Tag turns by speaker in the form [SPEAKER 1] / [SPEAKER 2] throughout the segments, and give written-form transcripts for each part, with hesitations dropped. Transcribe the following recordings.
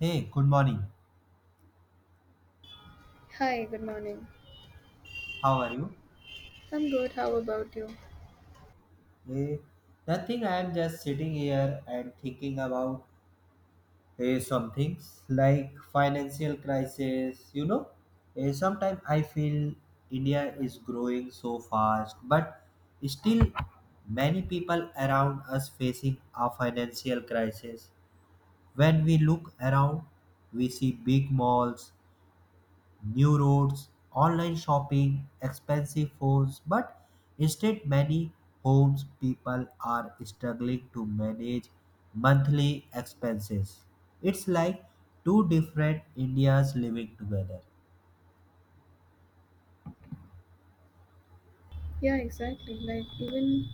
[SPEAKER 1] Hey, good morning.
[SPEAKER 2] Hi, good morning.
[SPEAKER 1] How are you?
[SPEAKER 2] I'm good. How about you?
[SPEAKER 1] Eh, nothing, I am just sitting here and thinking about some things like financial crisis. Sometimes I feel India is growing so fast, but still many people around us facing a financial crisis. When we look around, we see big malls, new roads, online shopping, expensive phones, but instead many homes people are struggling to manage monthly expenses. It's like two different Indias living together.
[SPEAKER 2] Yeah, exactly. Like, even,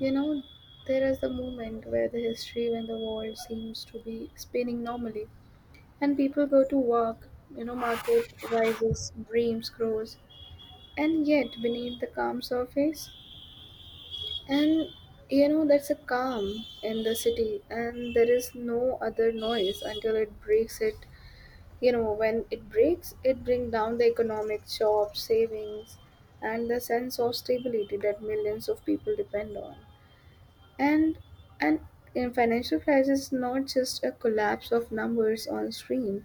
[SPEAKER 2] you know, there is a moment where the history when the world seems to be spinning normally, and people go to work, market rises, dreams grows, and yet beneath the calm surface, and that's a calm in the city, and there is no other noise until it breaks it. When it breaks, it brings down the economic jobs, savings, and the sense of stability that millions of people depend on. And and in financial crisis is not just a collapse of numbers on screen.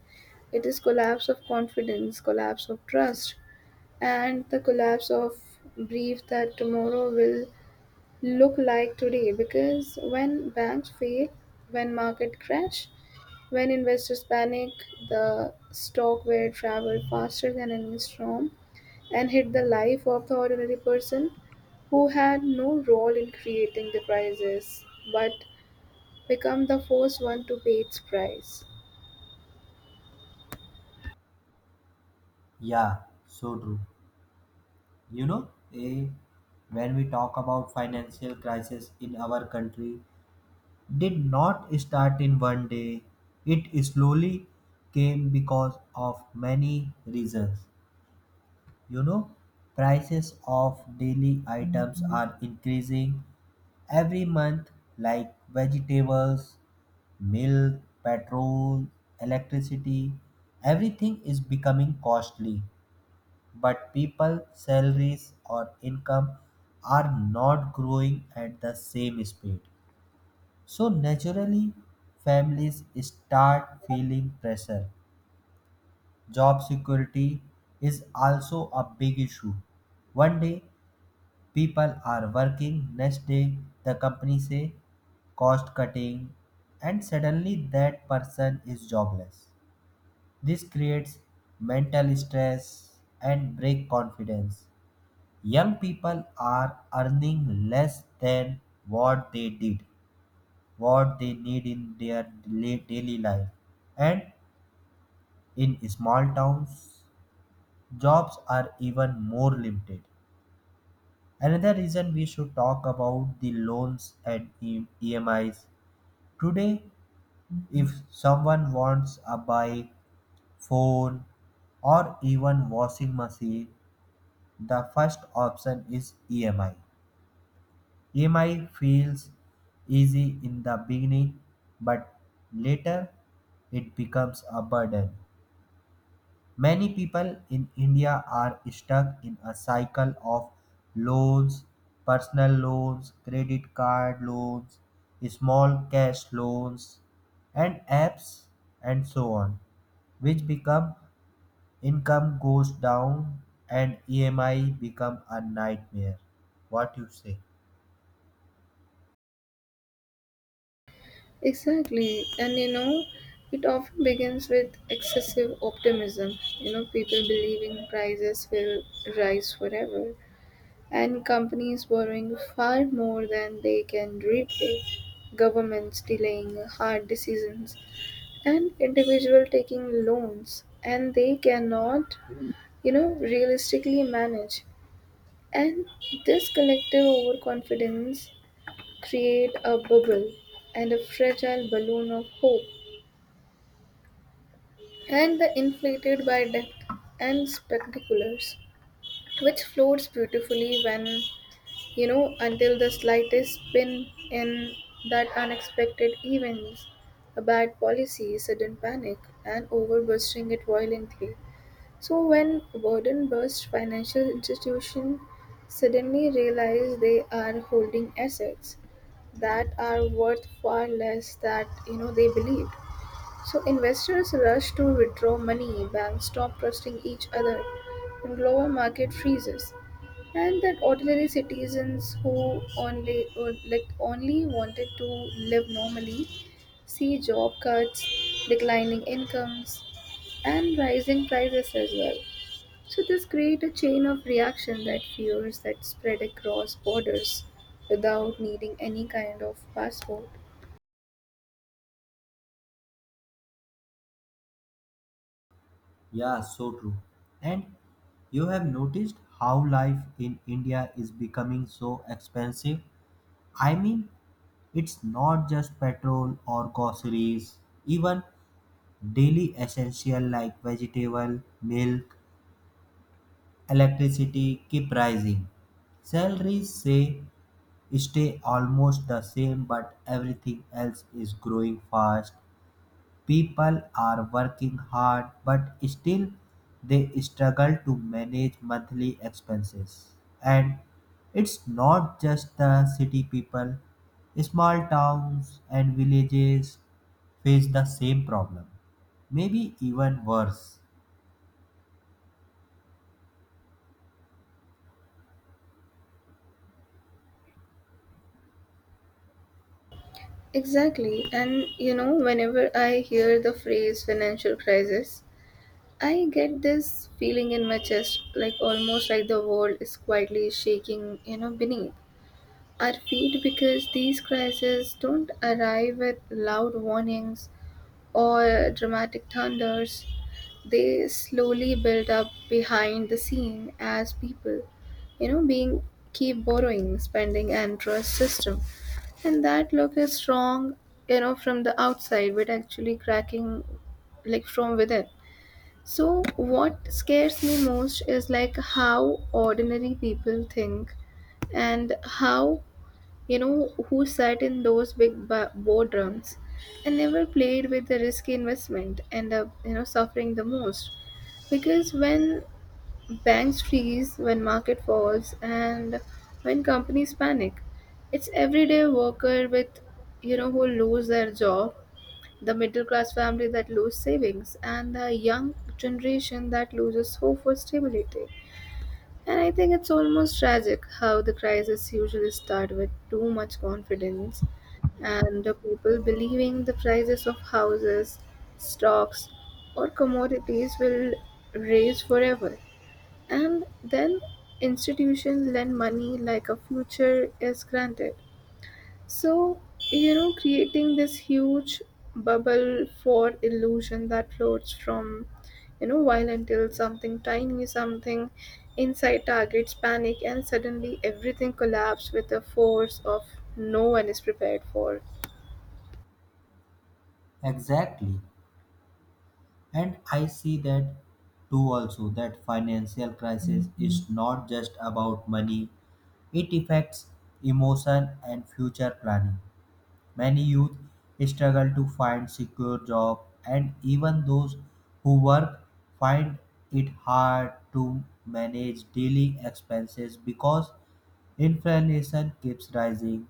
[SPEAKER 2] It is collapse of confidence, collapse of trust, and the collapse of belief that tomorrow will look like today, because when banks fail, when market crash, when investors panic, the stock will travel faster than any storm and hit the life of the ordinary person who had no role in creating the crisis, but become the first one to pay its price.
[SPEAKER 1] Yeah, so true. You know, eh, when we talk about financial crisis in our country, did not start in one day. It slowly came because of many reasons. You know, prices of daily items are increasing every month, like vegetables, milk, petrol, electricity. Everything is becoming costly, but people's salaries or income are not growing at the same speed. So, naturally, families start feeling pressure. Job security is also a big issue. One day, people are working next day the company say cost cutting, and suddenly that person is jobless. This creates mental stress and break confidence. Young people are earning less than what they did, what they need in their daily life, and in small towns jobs are even more limited. Another reason we should talk about the loans and EMIs. Today, if someone wants a bike, phone, or even washing machine, the first option is EMI. EMI feels easy in the beginning, but later it becomes a burden. Many people in India are stuck in a cycle of loans, personal loans, credit card loans, small cash loans, and apps and so on, which become income goes down and EMI become a nightmare. What you say?
[SPEAKER 2] Exactly, and it often begins with excessive optimism. People believing prices will rise forever, and companies borrowing far more than they can repay, governments delaying hard decisions, and individuals taking loans, and they cannot, realistically manage. And this collective overconfidence create a bubble and a fragile balloon of hope, and the inflated by debt and spectaculars, which floats beautifully when, until the slightest spin in that unexpected events, a bad policy, sudden panic, and overbursting it violently. So when burden burst, financial institutions suddenly realize they are holding assets that are worth far less that they believed, so investors rush to withdraw money, banks stop trusting each other, and global market freezes. And that ordinary citizens who only or like only wanted to live normally see job cuts, declining incomes, and rising prices as well. So this creates a chain of reaction that fears that spread across borders without needing any kind of passport.
[SPEAKER 1] Yeah, so true. And you have noticed how life in India is becoming so expensive? I mean, it's not just petrol or groceries, even daily essentials like vegetable, milk, electricity keep rising. Salaries say stay almost the same but everything else is growing fast. People are working hard but still they struggle to manage monthly expenses. And it's not just the city people, small towns and villages face the same problem, maybe even worse.
[SPEAKER 2] Exactly. And whenever I hear the phrase financial crisis, I get this feeling in my chest like almost like the world is quietly shaking, beneath our feet, because these crises don't arrive with loud warnings or dramatic thunders. They slowly build up behind the scene as people, being keep borrowing, spending, and trust system. And that look is strong, from the outside, but actually cracking like from within. So what scares me most is like how ordinary people think and how, who sat in those boardrooms and never played with the risky investment end up, suffering the most. Because when banks freeze, when market falls, and when companies panic, it's everyday worker with, who lose their job, the middle class family that lose savings, and the young generation that loses hope for stability. And I think it's almost tragic how the crisis usually start with too much confidence and the people believing the prices of houses, stocks, or commodities will raise forever. And then institutions lend money like a future is granted. So, creating this huge bubble for illusion that floats from, while until something tiny, something inside targets panic, and suddenly everything collapses with a force of no one is prepared for.
[SPEAKER 1] Exactly. And I see that too, also that financial crisis is not just about money, it affects emotion and future planning. Many youth struggle to find secure job, and even those who work find it hard to manage daily expenses because inflation keeps rising.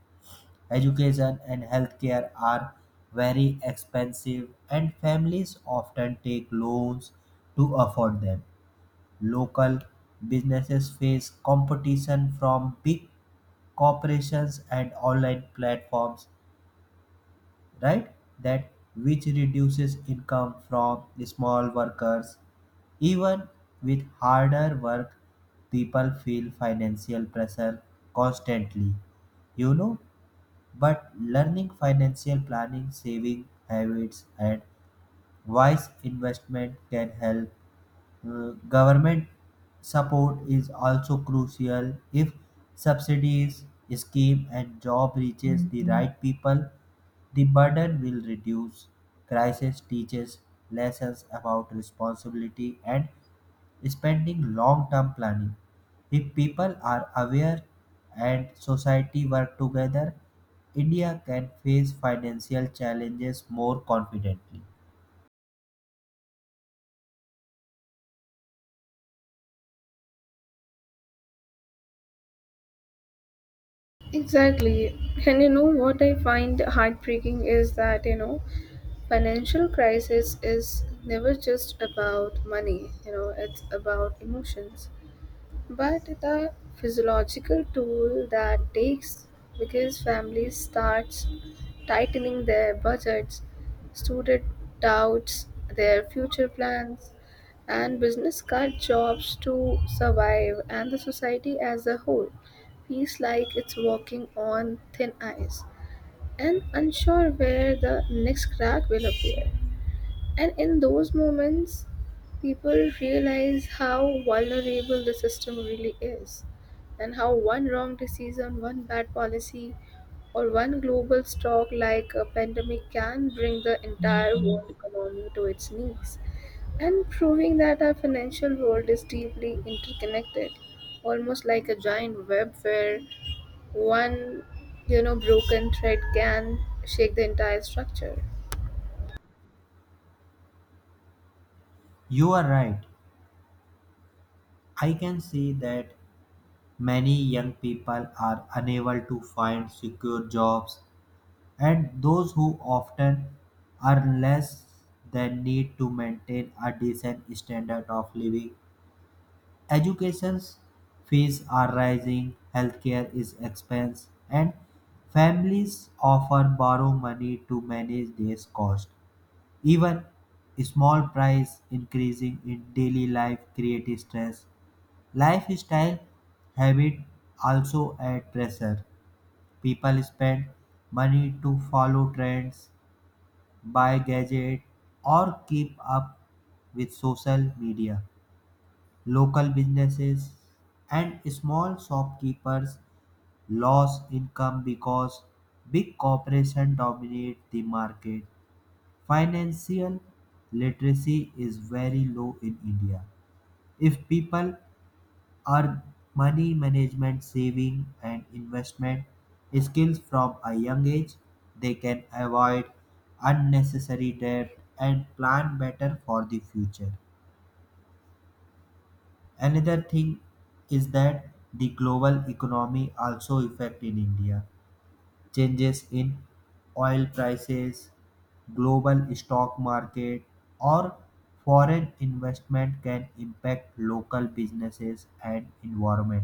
[SPEAKER 1] Education and healthcare are very expensive and families often take loans to afford them. Local businesses face competition from big corporations and online platforms, right? That which reduces income from small workers. Even with harder work, people feel financial pressure constantly, you know. But learning financial planning, saving habits, and wise investment can help. Government support is also crucial. If subsidies scheme and job reaches the right people the burden will reduce. Crisis teaches lessons about responsibility and spending long term planning. If people are aware and society work together, India can face financial challenges more confidently.
[SPEAKER 2] Exactly. And what I find heartbreaking is that, financial crisis is never just about money, it's about emotions. But the physiological toll that takes, because families starts tightening their budgets, student doubts their future plans, and business cut jobs to survive, and the society as a whole feels like it's walking on thin ice and unsure where the next crack will appear. And in those moments, people realize how vulnerable the system really is, and how one wrong decision, one bad policy, or one global shock like a pandemic can bring the entire world economy to its knees. And proving that our financial world is deeply interconnected, almost like a giant web where one, broken thread can shake the entire structure.
[SPEAKER 1] You are right. I can see that many young people are unable to find secure jobs and those who often earn less than need to maintain a decent standard of living. Education fees are rising, healthcare is expensive, and families often borrow money to manage these costs. Even small price increasing in daily life create stress. Lifestyle habit also add pressure. People spend money to follow trends, buy gadget, or keep up with social media. Local businesses and small shopkeepers lose income because big corporations dominate the market. Financial literacy is very low in India. If people are money management, saving, and investment skills from a young age. They can avoid unnecessary debt and plan better for the future. Another thing is that the global economy also affect in India. Changes in oil prices, global stock market, or foreign investment can impact local businesses and environment.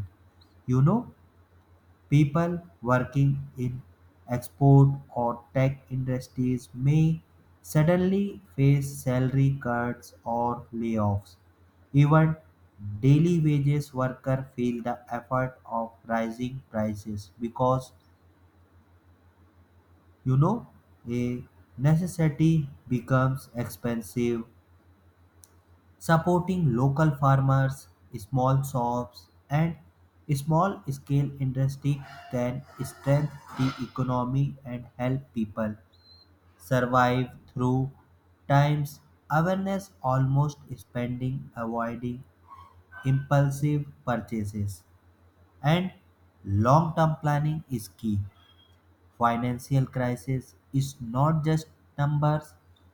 [SPEAKER 1] You know, people working in export or tech industries may suddenly face salary cuts or layoffs. Even daily wages workers feel the effect of rising prices because, you know, a necessity becomes expensive. Supporting local farmers, small shops, and small-scale industry can strengthen the economy and help people survive through times. Awareness almost spending, avoiding impulsive purchases, and long-term planning is key. Financial crisis is not just numbers;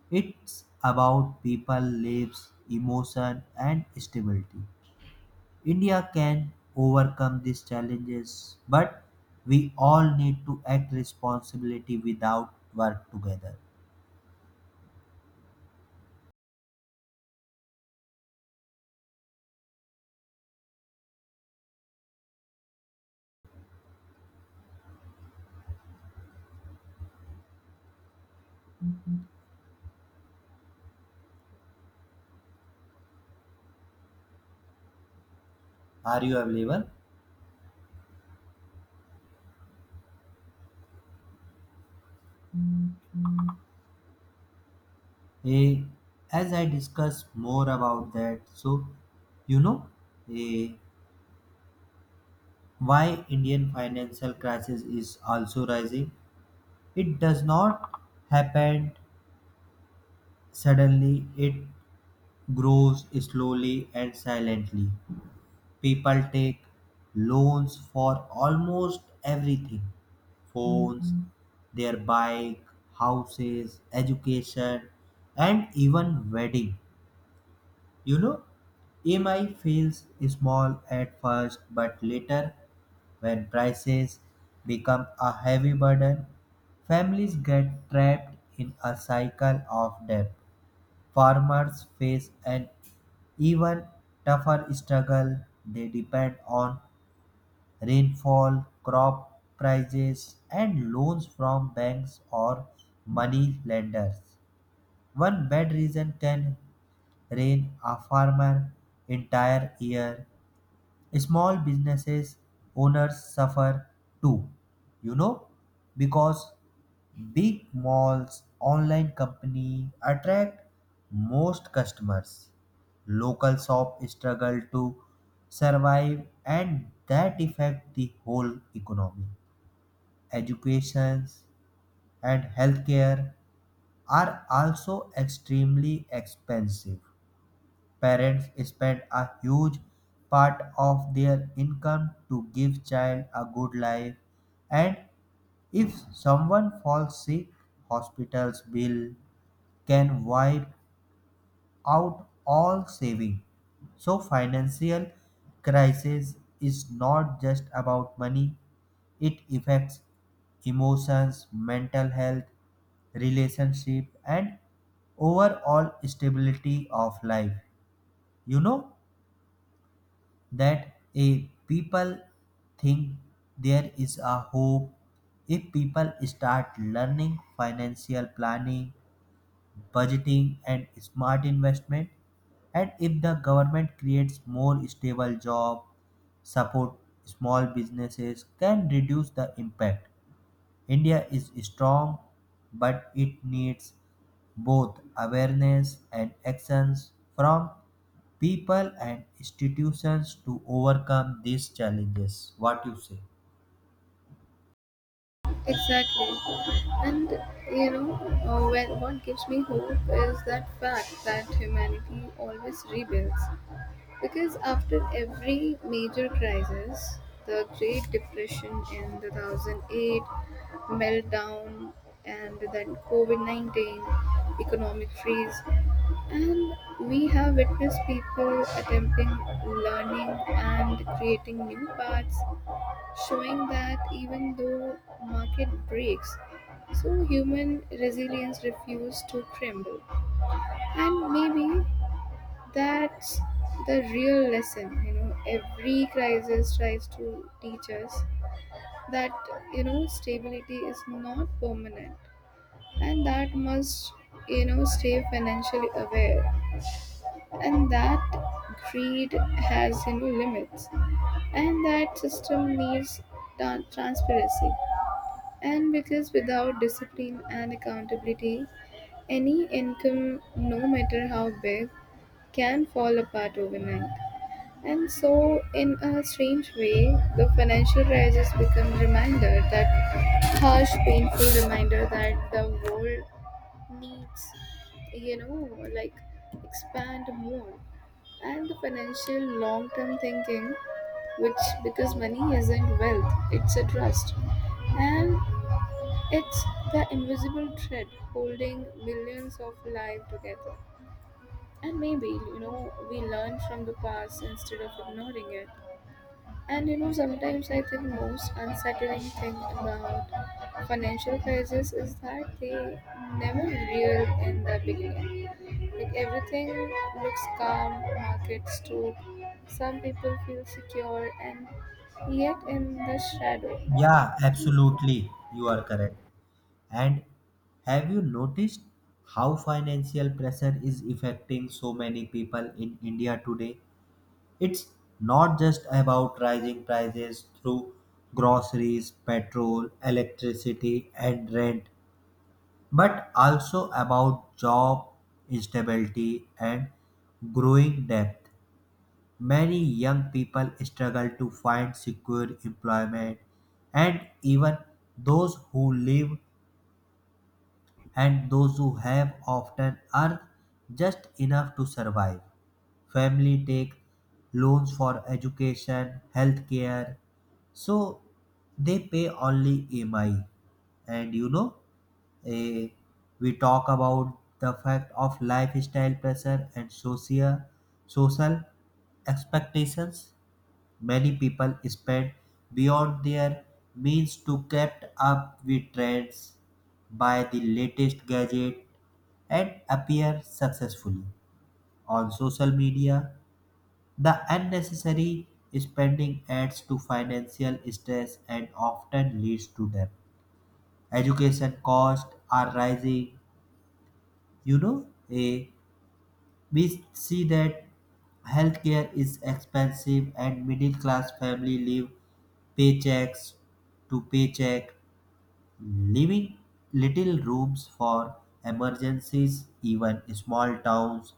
[SPEAKER 1] it's about people lives, emotion, and stability. India can overcome these challenges, but we all need to act responsibility without work together. Are you available? Eh, as I discuss more about that, so you know eh, why Indian financial crisis is also rising. It does not happen suddenly. It grows slowly and silently. People take loans for almost everything: phones, their bike, houses, education, and even wedding. You know, EMI feels small at first, but later, when prices become a heavy burden, families get trapped in a cycle of debt. Farmers face an even tougher struggle. They depend on rainfall, crop prices, and loans from banks or money lenders. One bad reason can rain a farmer entire year. Small businesses owners suffer too, you know, because big malls online company attract most customers. Local shop struggle to survive and that affect the whole economy. Educations and healthcare are also extremely expensive. Parents spend a huge part of their income to give child a good life, and if someone falls sick hospital's bill can wipe out all saving. So financial crisis is not just about money, it affects emotions, mental health, relationship, and overall stability of life. You know that a people think there is a hope. If people start learning financial planning, budgeting, and smart investment, and if the government creates more stable job, support small businesses can reduce the impact. India is strong but it needs both awareness and actions from people and institutions to overcome these challenges. What you say?
[SPEAKER 2] Exactly. And you know, when, what gives me hope is that fact that humanity always rebuilds. Because after every major crisis, the Great Depression in 2008, meltdown, and then COVID 19, economic freeze, and we have witnessed people attempting, learning, and creating new paths, showing that even though market breaks, so human resilience refuses to crumble. And maybe that's the real lesson, every crisis tries to teach us that, stability is not permanent, and that must, stay financially aware, and that greed has, limits, and that system needs transparency. And because without discipline and accountability, any income, no matter how big, can fall apart overnight. And so, in a strange way, the financial crisis become reminder, that harsh, painful reminder that the world needs, you know, like expand more and the financial long-term thinking, which because money isn't wealth, it's a trust, and it's the invisible thread holding millions of lives together. And maybe, we learn from the past instead of ignoring it. And sometimes I think most unsettling thing about financial crisis is that they never real in the beginning. Like everything looks calm, markets too, some people feel secure, and yet in the shadow.
[SPEAKER 1] Yeah, absolutely. You are correct. And have you noticed how financial pressure is affecting so many people in India today? It's not just about rising prices through groceries, petrol, electricity, and rent, but also about job instability and growing debt. Many young people struggle to find secure employment, and even those who live and those who have often earn just enough to survive. Family take loans for education, healthcare, so they pay only EMI. And you know, eh, we talk about the fact of lifestyle pressure and social expectations. Many people spend beyond their means to keep up with trends, buy the latest gadget, and appear successfully. On social media, the unnecessary spending adds to financial stress and often leads to debt. Education costs are rising. You know, a We see that healthcare is expensive and middle class family live paychecks to paycheck, leaving little rooms for emergencies. Even small towns,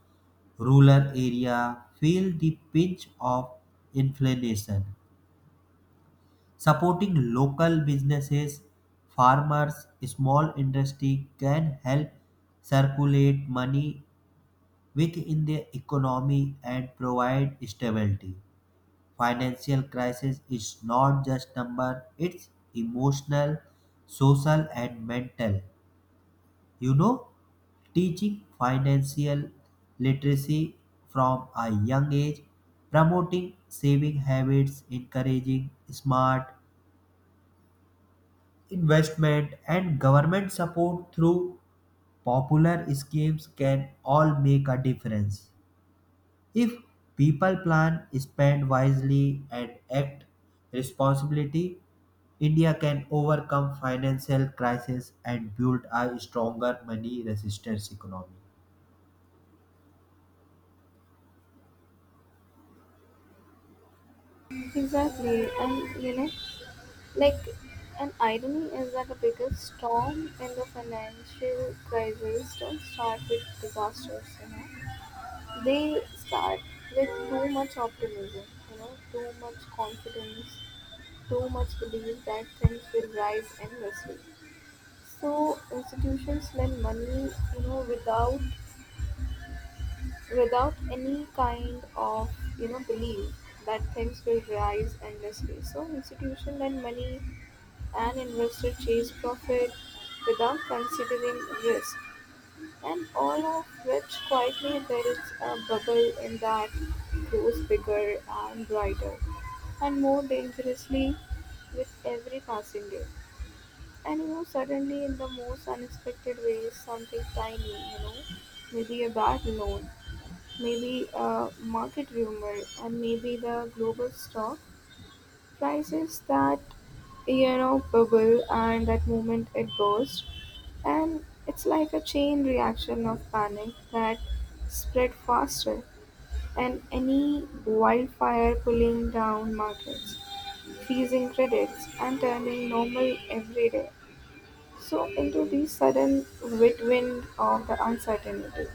[SPEAKER 1] rural area feel the pinch of inflation. Supporting local businesses, farmers, small industry can help circulate money within the economy and provide stability. Financial crisis is not just number, it's emotional, social and mental. You know, teaching financial literacy from a young age, promoting saving habits, encouraging smart investment and government support through popular schemes can all make a difference. If people plan, spend wisely, and act responsibly, India can overcome financial crisis and build a stronger money resistance economy.
[SPEAKER 2] Exactly, and you know. Like, an irony is that the biggest storm in the financial crisis don't start with disasters, They start with too much optimism, too much confidence, too much belief that things will rise endlessly. So institutions lend money, without any kind of, belief that things will rise endlessly. So institution lend money. An investor chase profit without considering risk, and all of which quietly builds a bubble in that grows bigger and brighter and more dangerously with every passing day. And suddenly, in the most unexpected ways, something tiny, maybe a bad loan, maybe a market rumor, and maybe the global stock prices that, bubble, and that moment it bursts, and it's like a chain reaction of panic that spread faster and any wildfire, pulling down markets, freezing credits, and turning normal everyday so into the sudden whirlwind of the uncertainty.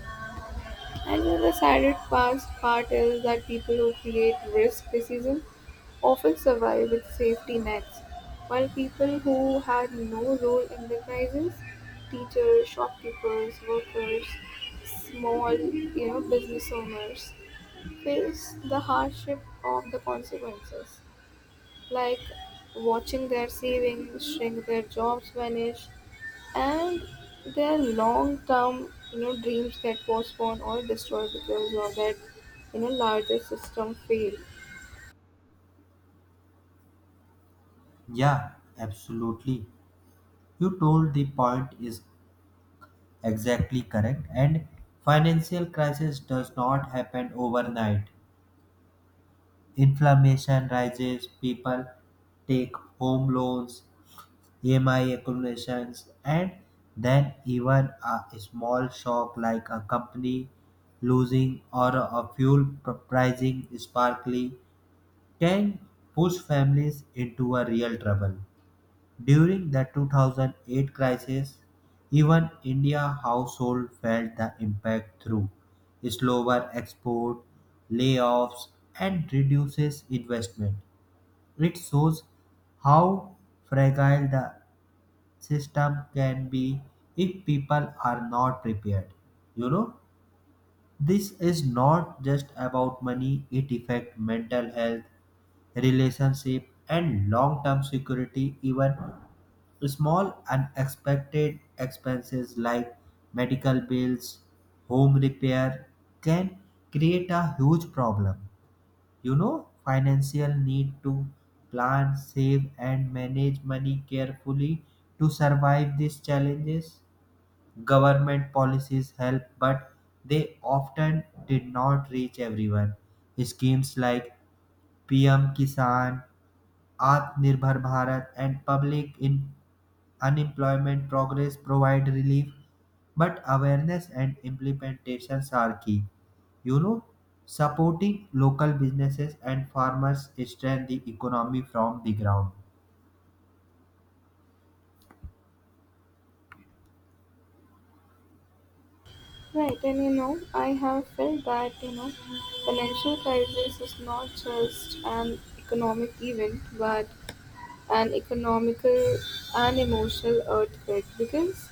[SPEAKER 2] Another saddest past part is that people who create risk decisions often survive with safety nets, while people who had no role in the crisis, teachers, shopkeepers, workers, small business owners, face the hardship of the consequences, like watching their savings shrink, their jobs vanish, and their long-term, dreams get postponed or destroyed because of that, larger system fail.
[SPEAKER 1] Yeah, absolutely. You told the point is exactly correct and financial crisis does not happen overnight. Inflammation rises, people take home loans, EMI accumulations, and then even a small shock like a company losing or a pricing sparkly can push families into a real trouble. During the 2008 crisis, even India household felt the impact through slower export, layoffs, and reduces investment. It shows how fragile the system can be if people are not prepared. You know, this is not just about money, it affects mental health, relationship, and long-term security. Even small unexpected expenses like medical bills, home repair can create a huge problem. You know, financial need to plan, save, and manage money carefully to survive these challenges. Government policies help but they often did not reach everyone. Schemes like PM Kisan, Atmanirbhar Bharat, and public in unemployment progress provide relief, but awareness and implementations are key. You know, supporting local businesses and farmers strengthen the economy from the ground.
[SPEAKER 2] Right, and I have felt that, financial crisis is not just an economic event, but an economical and emotional earthquake, because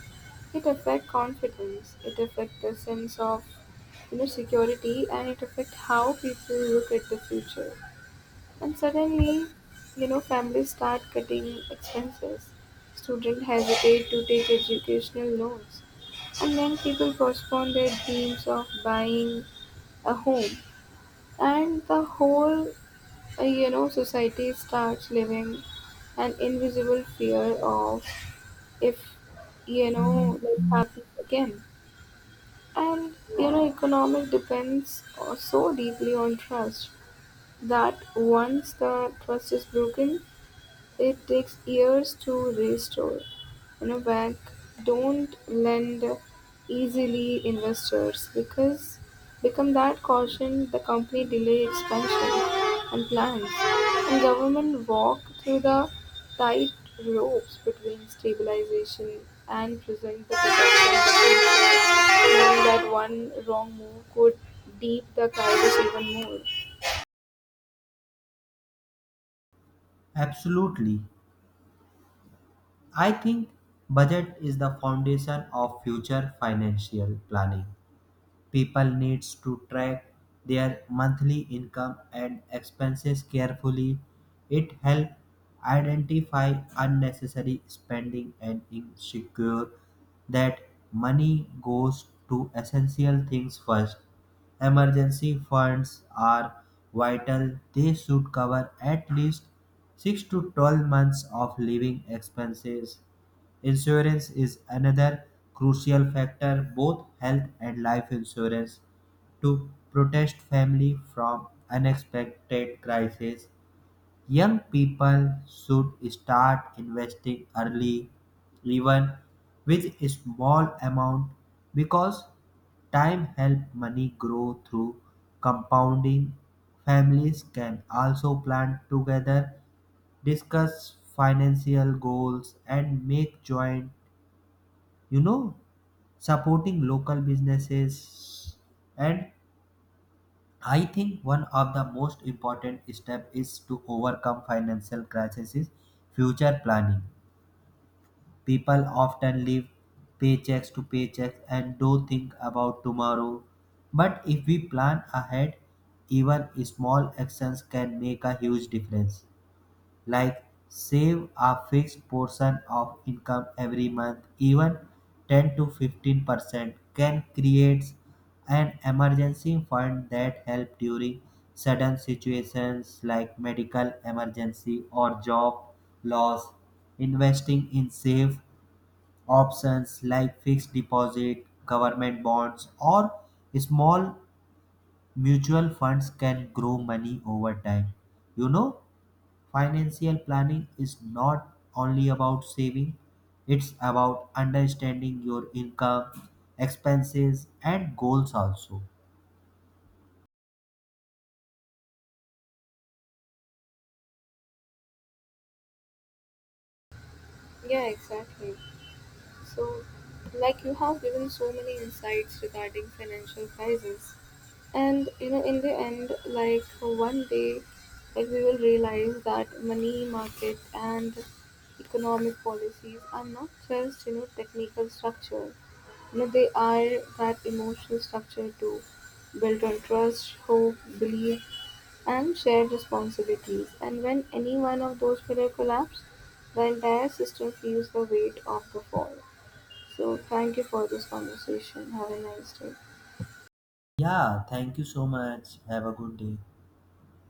[SPEAKER 2] it affects confidence, it affects the sense of inner security, and it affects how people look at the future. And suddenly, families start cutting expenses. Students hesitate to take educational loans. And then people postpone their dreams of buying a home. And the whole, society starts living an invisible fear of if, this happens again. And economic depends so deeply on trust, that once the trust is broken, it takes years to restore. Bank don't lend easily, investors because become that caution, the company delay expansion and plans, and government walk through the tight ropes between stabilization and present the protection, knowing that one wrong move could deep the crisis even more.
[SPEAKER 1] Absolutely. I think budget is the foundation of future financial planning. People needs to track their monthly income and expenses carefully. It helps identify unnecessary spending and ensure that money goes to essential things first. Emergency funds are vital, they should cover at least 6 to 12 months of living expenses. Insurance is another crucial factor, both health and life insurance, to protect family from unexpected crises. Young people should start investing early, even with a small amount, because time helps money grow through compounding. Families can also plan together, discuss financial goals, and make joint you know Supporting local businesses, and I think one of the most important step is to overcome financial crisis is future planning. People often live paychecks to paychecks and don't think about tomorrow, but if we plan ahead even small actions can make a huge difference. Like save a fixed portion of income every month, even 10 to 15% can create an emergency fund that help during sudden situations like medical emergency or job loss. Investing in safe options like fixed deposit, government bonds, or small mutual funds can grow money over time. You know, financial planning is not only about saving, it's about understanding your income, expenses, and goals also.
[SPEAKER 2] Yeah, exactly. So, like you have given so many insights regarding financial crisis, and in the end, like one day, like we will realize that money market and economic policies are not just, technical structure. They are that emotional structure too, built on trust, hope, belief, and shared responsibilities, and when any one of those pillars collapse, the entire system feels the weight of the fall. So, thank you for this conversation. Have a nice day.
[SPEAKER 1] Yeah, thank you so much. Have a good day.